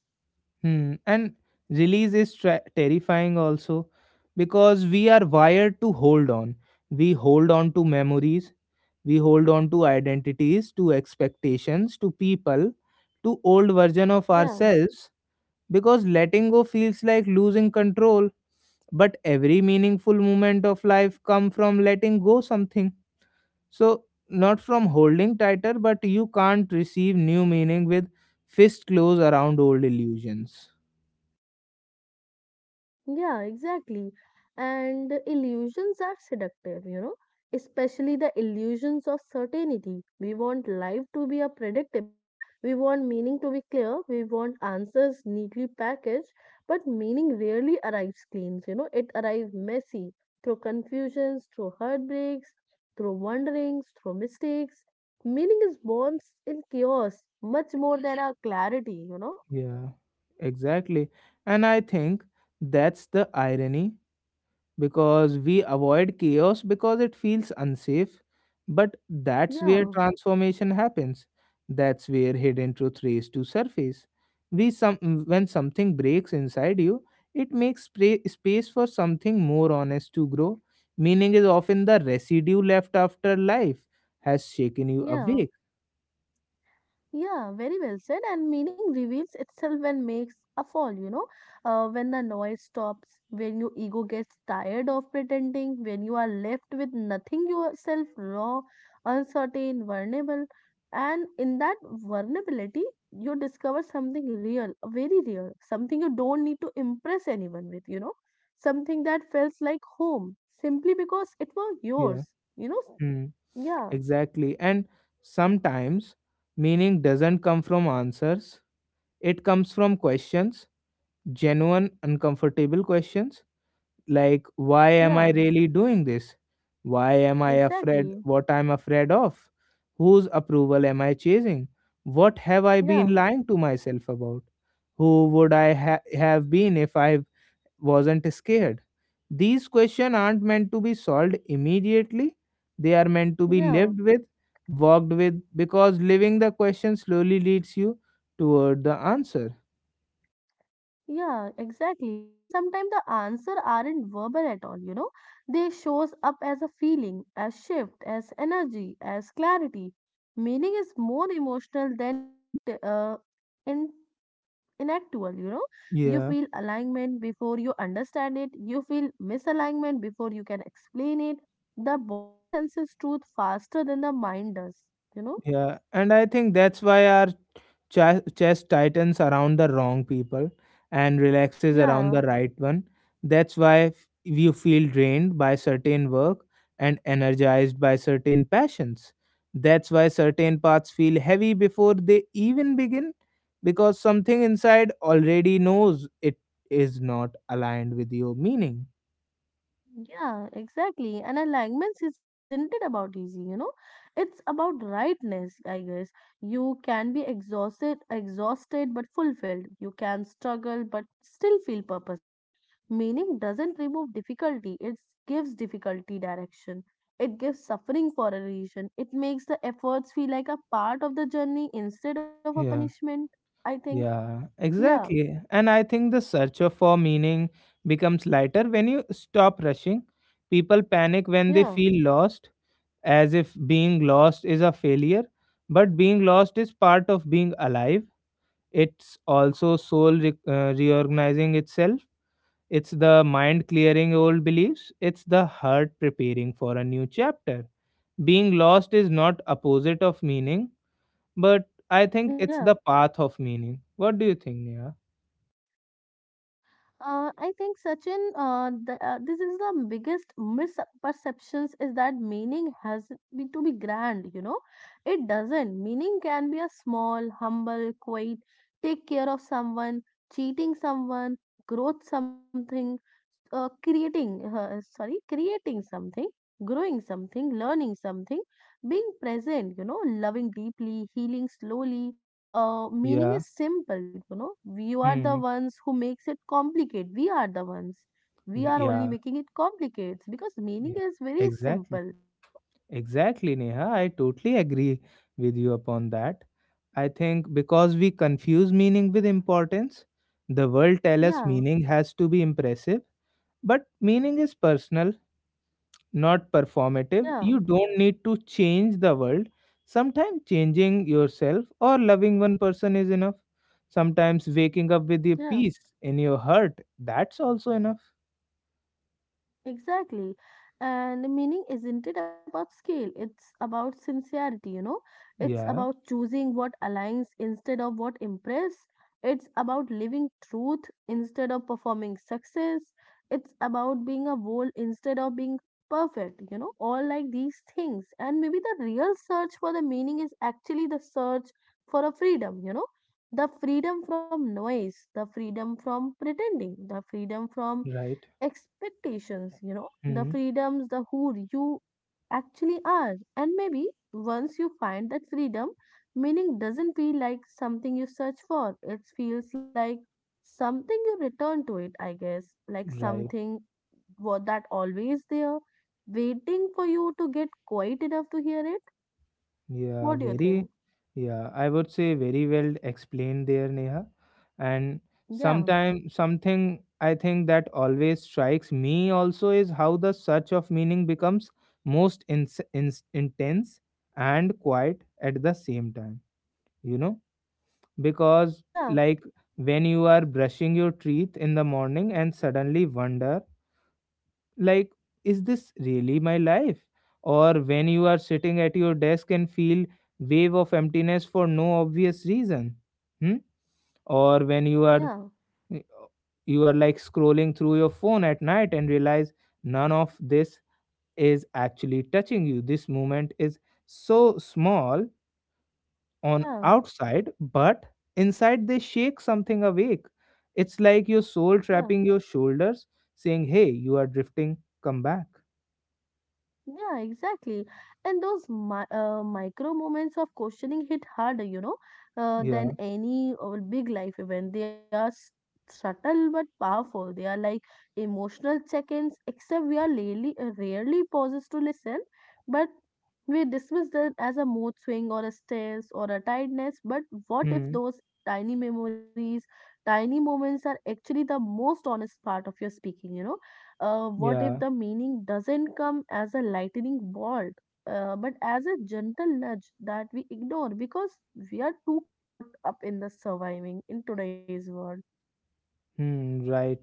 Hmm. And release is terrifying also, because we are wired to hold on. We hold on to memories, we hold on to identities, to expectations, to people, to old version of
Yeah.
ourselves, because letting go feels like losing control. But every meaningful moment of life come from letting go something. So not from holding tighter, but you can't receive new meaning with fist close around old illusions.
Yeah, exactly. And the illusions are seductive, you know, especially the illusions of certainty. We want life to be a predictable, we want meaning to be clear, we want answers neatly packaged, but meaning rarely arrives clean, you know, it arrives messy through confusions, through heartbreaks, through wanderings, through mistakes. Meaning is born in chaos much more than our clarity, you know.
Yeah, exactly. And I think that's the irony because we avoid chaos because it feels unsafe. But that's where
Yeah,
transformation happens. That's where hidden truth raise to surface. We some When something breaks inside you, it makes space for something more honest to grow. Meaning is often the residue left after life has shaken you
yeah.
awake.
Yeah, very well said. And meaning reveals itself when makes a fall, you know, when the noise stops, when your ego gets tired of pretending, when you are left with nothing yourself, raw, uncertain, vulnerable. And in that vulnerability, you discover something real, very real, something you don't need to impress anyone with, you know, something that feels like home simply because it was
Yeah.
yours, you know.
Hmm.
Yeah,
Exactly. And sometimes meaning doesn't come from answers, it comes from questions, genuine, uncomfortable questions like, why am I
yeah,
really doing this? Why am I afraid?
exactly.
What I'm afraid of? Whose approval am I chasing? What have I been
Yeah,
lying to myself about? Who would I have been if I wasn't scared. These questions aren't meant to be solved immediately, they are meant to be
yeah.
lived with, walked with, because living the question slowly leads you toward the answer.
Yeah, exactly. And sometimes the answer aren't verbal at all, you know. They shows up as a feeling, as shift, as energy, as clarity. Meaning is more emotional than uh, in inactual, you know. You feel
Yeah,
alignment before you understand it. You feel misalignment before you can explain it. The body senses truth faster than the mind does, you know.
yeah. And I think that's why our chest tightens around the wrong people and relaxes around
Yeah.
the right one. That's why you feel drained by certain work and energized by certain passions. That's why certain paths feel heavy before they even begin because something inside already knows it is not aligned with your meaning.
Yeah, exactly. And alignments is isn't it about easy, you know? It's about rightness, I guess. You can be exhausted, exhausted but fulfilled. You can struggle but still feel purposeful. Meaning doesn't remove difficulty, it gives difficulty direction. It gives suffering for a reason. It makes the efforts feel like a part of the journey instead of a
Yeah.
punishment, I think.
Yeah,
Yeah,
exactly. And I think the search for meaning becomes lighter when you stop rushing. People panic when they
yeah,
feel lost, as if being lost is a failure. But being lost is part of being alive. It's also soul reorganizing itself. It's the mind clearing old beliefs. It's the heart preparing for a new chapter. Being lost is not opposite of meaning, but I think
yeah.
it's the path of meaning. What do you think, Neha?
I think Sachin, this is the biggest misperceptions is that meaning has to be grand. You know, it doesn't. Meaning can be a small, humble, quiet, take care of someone, cheating someone, growth something, creating something, growing something, learning something, being present. You know, loving deeply, healing slowly, meaning
Yeah.
is simple, you know, you are the
Hmm.
ones who makes it complicated, we are the ones, we are only
Yeah.
making it complicated because
Yeah.
meaning is very
Exactly.
simple, you know.
Exactly, Neha. I totally agree with you upon that. I think because we confuse meaning with importance, the world tell us
Yeah
meaning has to be impressive, but meaning is personal, not performative.
yeah
You don't need to change the world. Sometimes changing yourself or loving one person is enough. Sometimes waking up with a
yeah
peace in your heart, that's also enough.
Exactly. And meaning isn't it about scale? It's about sincerity, you know? It's
Yeah,
about choosing what aligns instead of what impress. It's about living truth instead of performing success. It's about being a whole instead of being perfect, you know? All like these things. And maybe the real search for the meaning is actually the search for a freedom, you know? The freedom from noise, the freedom from pretending, the freedom from
right.
expectations, you know, the
Hmm.
freedoms, the who you actually are. And maybe once you find that freedom, meaning doesn't feel like something you search for, it feels like something you return to it, I guess, like
Right.
something what that always there, waiting for you to get quiet enough to hear it.
Yeah,
What do you
very,
think?
yeah, I would say very well explained there, Neha. And
Yeah,
sometime something I think that always strikes me also is how the search of meaning becomes most ins ins intense and quiet at the same time, you know? Because,
yeah,
like, when you are brushing your teeth in the morning and suddenly wonder, like, is this really my life, or when you are sitting at your desk and feel wave of emptiness for no obvious reason, hmm? or when you
yeah
are like scrolling through your phone at night and realize none of this is actually touching you. This moment is so small on
yeah
outside, but inside they shake something awake. It's like your soul
yeah
trapping your shoulders saying, hey, you are drifting, come back.
Yeah, exactly. And those micro moments of questioning hit harder, you know, than any big life event. They are subtle but powerful. They are like emotional check-ins, except we are rarely, rarely pauses to listen, but we dismiss them as a mood swing or a stress or a tiredness. But what if
Hmm.
those tiny memories, tiny moments are actually the most honest part of your speaking, you know? What if
Yeah.
the meaning doesn't come as a lightning bolt, but as a gentle nudge that we ignore because we are too caught up in the surviving in today's world?
Hmm. Right.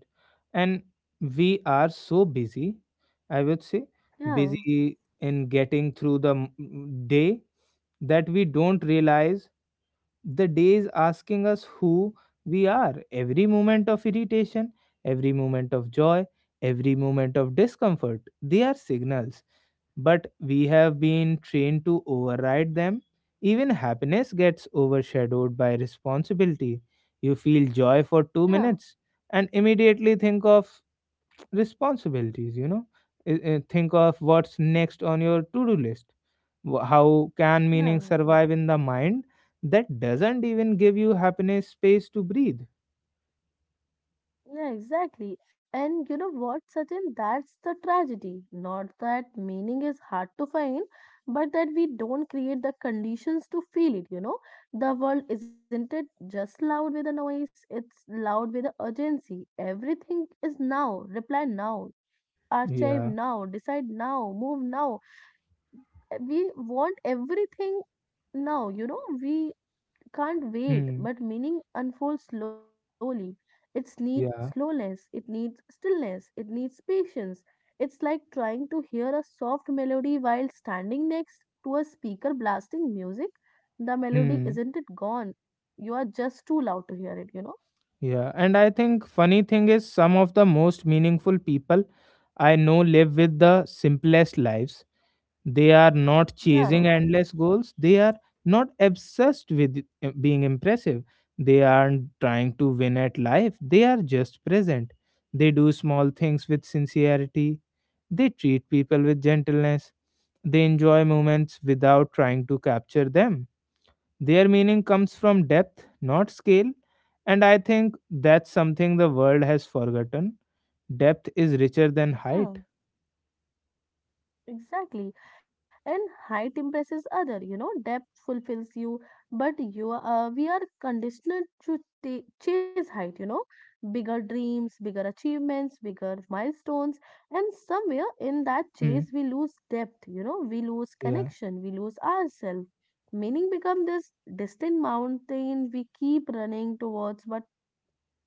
And we are so busy, I would say,
Yeah,
busy in getting through the day that we don't realize the day is asking us who we are. Every moment of irritation, every moment of joy, every moment of discomfort, they are signals. But we have been trained to override them. Even happiness gets overshadowed by responsibility. You feel joy for two
yeah,
minutes and immediately think of responsibilities, think of what's next on your to do list. How can meaning
yeah.
survive in the mind that doesn't even give you happiness space to breathe?
Yeah, exactly. And you know what, Sachin? That's the tragedy. Not that meaning is hard to find, but that we don't create the conditions to feel it, you know? The world isn't it just loud with a noise, it's loud with a urgency. Everything is now, reply now, archive
Yeah.
now, decide now, move now. We want everything now, you know? We can't wait,
Hmm.
but meaning unfolds slowly. It's need
Yeah.
slowness, it needs stillness, it needs patience. It's like trying to hear a soft melody while standing next to a speaker blasting music. The melody
Hmm.
isn't it gone. You are just too loud to hear it, you know?
Yeah, and I think funny thing is some of the most meaningful people I know live with the simplest lives. They are not
Yeah,
chasing endless goals. They are not obsessed with being impressive. They aren't trying to win at life. They are just present. They do small things with sincerity. They treat people with gentleness. They enjoy moments without trying to capture them. Their meaning comes from depth, not scale, and I think that's something the world has forgotten. Depth is richer than
yeah.
height.
Exactly. And height impresses other, you know, depth fulfills you, but we are conditioned to ta chase height, you know, bigger dreams, bigger achievements, bigger milestones, and somewhere in that
Hmm.
chase we lose depth, you know, we lose
Yeah.
connection, we lose ourselves. Meaning become this distant mountain we keep running towards but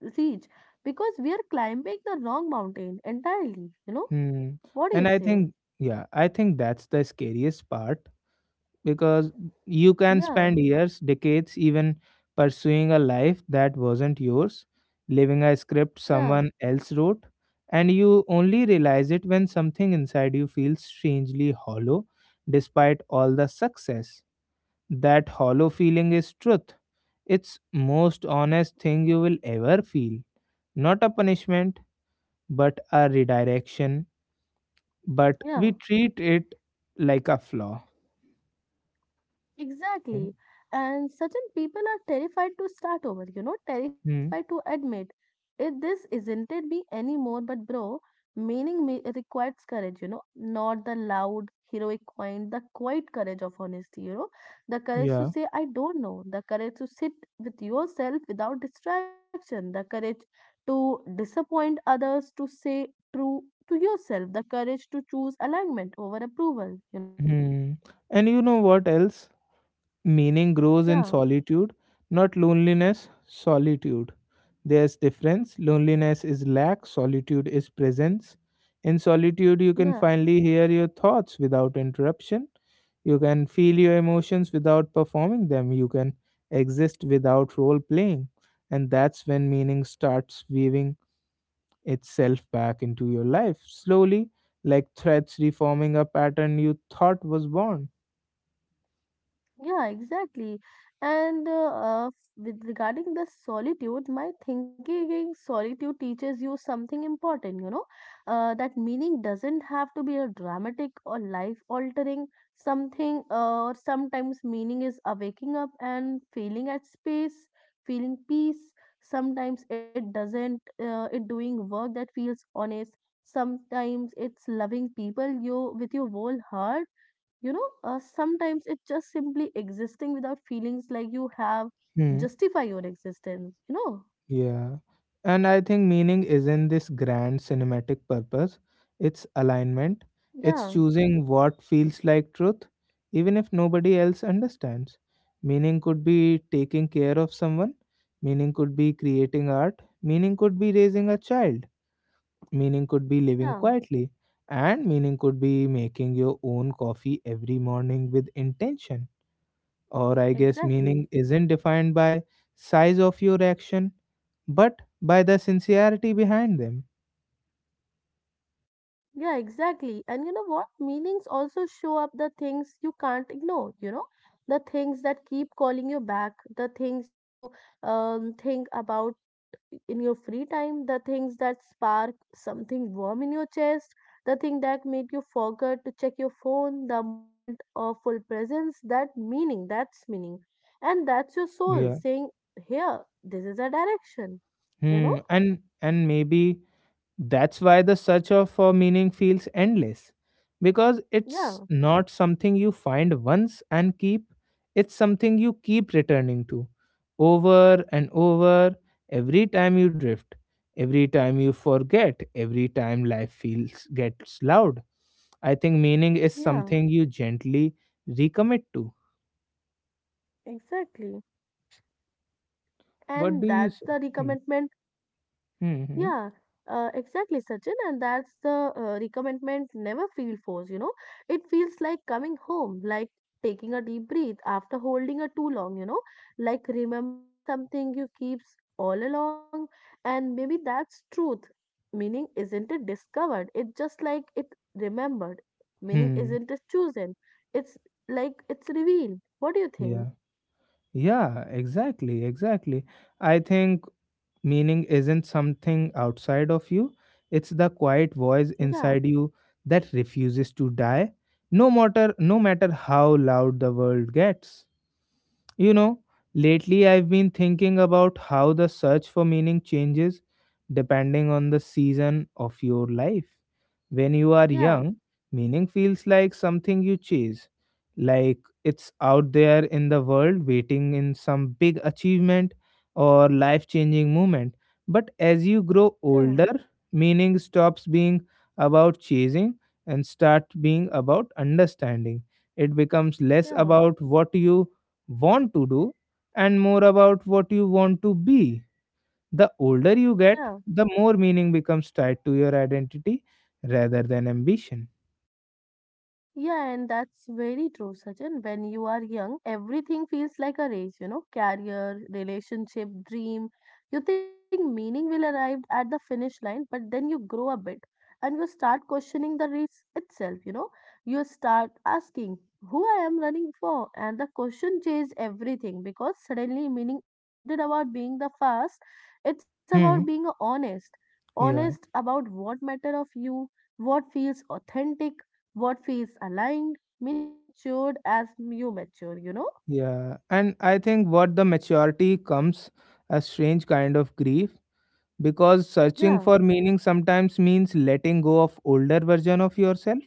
reach because we are climbing the wrong mountain entirely, you know.
Hmm.
What do you
And I
say?
think, yeah, I think that's the scariest part because you can
Yeah.
spend years, decades, even pursuing a life that wasn't yours, living a script
Yeah,
someone else wrote, and you only realize it when something inside you feels strangely hollow despite all the success. That hollow feeling is truth. It's most honest thing you will ever feel. Not a punishment, but a redirection. But
yeah,
we treat it like a flaw.
exactly. And certain people are terrified to start over, you know, terrified
Hmm.
to admit if this isn't it me anymore, but bro, meaning me requires courage, you know, not the loud, heroic kind, the quiet courage of honesty, you know, the courage to
Yeah.
say, I don't know, the courage to sit with yourself without distraction, the courage to disappoint others, to say true to yourself, the courage to choose alignment over approval, you know,
Hmm. And you know what else? Meaning grows in
yeah.
solitude, not loneliness, solitude. There's difference. Loneliness is lack, solitude is presence. In solitude you
Yeah,
can finally hear your thoughts without interruption. You can feel your emotions without performing them. You can exist without role playing. And that's when meaning starts weaving itself back into your life slowly, like threads reforming a pattern you thought was born.
yeah, exactly. And with regarding the solitude, my thinking is solitude teaches you something important, you know, that meaning doesn't have to be a dramatic or life altering something, or sometimes meaning is a waking up and feeling at space, feeling peace. Sometimes it doesn't, it doing work that feels honest. Sometimes it's loving people you with your whole heart, you know, sometimes it's just simply existing without feelings like you have
Hmm.
justify your existence, you know.
Yeah. And I think meaning isn't this grand cinematic purpose, it's alignment, it's
yeah
choosing what feels like truth, even if nobody else understands. Meaning could be taking care of someone, meaning could be creating art, meaning could be raising a child, meaning could be
yeah
living quietly, and meaning could be making your own coffee every morning with intention. Or I guess meaning
exactly
isn't defined by size of your action, but by the sincerity behind them.
Yeah, exactly. And you know what? Meanings also show up the things you can't ignore, you know, the things that keep calling you back, the things you think about in your free time, the things that spark something warm in your chest, the thing that make you forget to check your phone, the moment of full presence, that meaning, that's meaning. And that's your soul
Yeah.
saying, here, this is a direction, you know?
Hmm. And maybe that's why the search of for meaning feels endless, because it's
Yeah,
not something you find once and keep. It's something you keep returning to, over and over. Every time you drift, every time you forget, every time life feels gets loud, I think meaning is
yeah,
something you gently recommit to.
exactly.
What
And
do you
that's
say?
the
Hmm.
recommitment. Yeah,
Hmm. Hmm.
exactly, Sachin. And that's the recommitment never feel forced, you know. It feels like coming home, like taking a deep breath after holding a too long, you know, like remembering something you keeps all along. And maybe that's truth. Meaning isn't it discovered? It just like it remembered. Meaning
Hmm.
isn't it chosen? It's like it's revealed. What do you think?
Yeah. Yeah. Exactly. Exactly. I think meaning isn't something outside of you. It's the quiet voice
Yeah,
inside you that refuses to die, no matter how loud the world gets. You know, lately I've been thinking about how the search for meaning changes depending on the season of your life. When you are
yeah,
young, meaning feels like something you chase, like it's out there in the world waiting in some big achievement or life changing moment. But as you grow
yeah,
older, meaning stops being about chasing and start being about understanding. It becomes less
yeah,
about what you want to do and more about what you want to be. The older you
yeah.
get, the more meaning becomes tied to your identity rather than ambition.
Yeah, and that's very true, Sachin. When you are young, everything feels like a race, you know, career, relationship, dream. You think meaning will arrive at the finish line, but then you grow a bit and you start questioning the race itself, you know. You start asking who I am running for, and the question changes everything because suddenly meaning isn't it about being the fast, it's about being
Hmm.
honest. Honest
Yeah,
about what matter of you, what feels authentic, what feels aligned, meaning matured as you mature, you know?
yeah. And I think what the maturity comes a strange kind of grief because
Yeah,
searching for meaning sometimes means letting go of older version of yourself,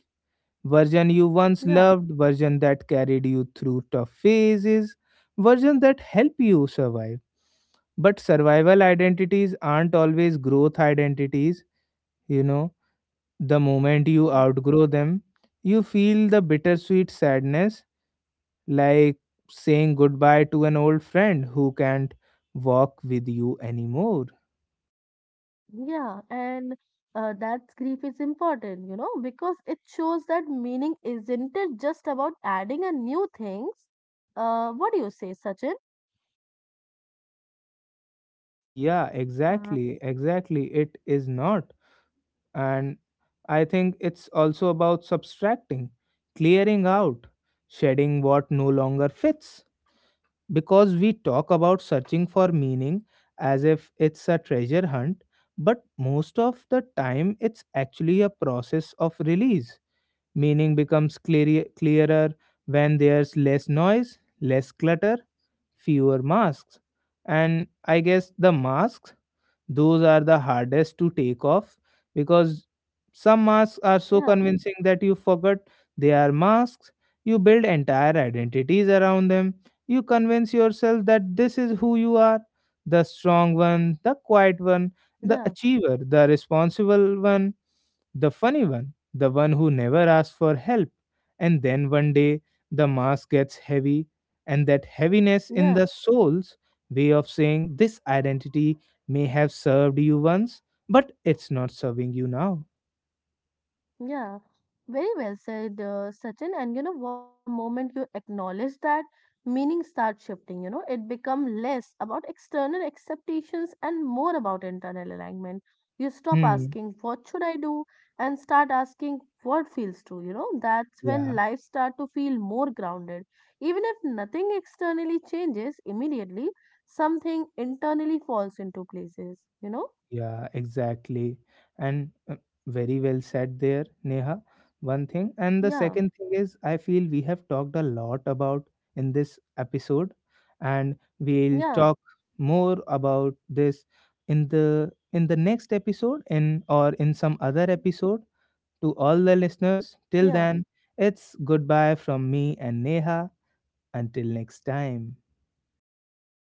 version you once
yeah.
loved, version that carried you through tough phases, version that helped you survive. But survival identities aren't always growth identities, you know. The moment you
Yeah.
outgrow them, you feel the bittersweet sadness, like saying goodbye to an old friend who can't walk with you anymore.
Yeah, and that grief is important, you know, because it shows that meaning isn't it just about adding a new things. What do you say, Sachin?
Yeah,
Uh,
exactly, exactly. It is not. And I think it's also about subtracting, clearing out, shedding what no longer fits. Because we talk about searching for meaning as if it's a treasure hunt, but most of the time it's actually a process of release. Meaning becomes clearer when there's less noise, less clutter, fewer masks. And I guess the masks, those are the hardest to take off because some masks are so
Yeah,
convincing that you forget they are masks. You build entire identities around them. You convince yourself that this is who you are, the strong one, the quiet one,
yeah,
the achiever, the responsible one, the funny one, the one who never asks for help. And then one day the mask gets heavy, and that heaviness in the
yeah.
soul's way of saying this identity may have served you once, but it's not serving you now.
Yeah, very well said, Sachin. And you know what? The moment you acknowledge that, meaning starts shifting. You know, it becomes less about external expectations and more about internal alignment. You stop
Hmm.
asking, what should I do? And start asking, what feels true? You know, that's when
Yeah.
life starts to feel more grounded. Even if nothing externally changes immediately, something internally falls into places, you know?
Yeah, exactly. And very well said there, Neha. One thing. And the
Yeah,
second thing is, I feel we have talked a lot about in this episode, and we'll
yeah,
talk more about this in the next episode in some other episode. To all the listeners,
yeah.
till then it's goodbye from me and Neha, until next time.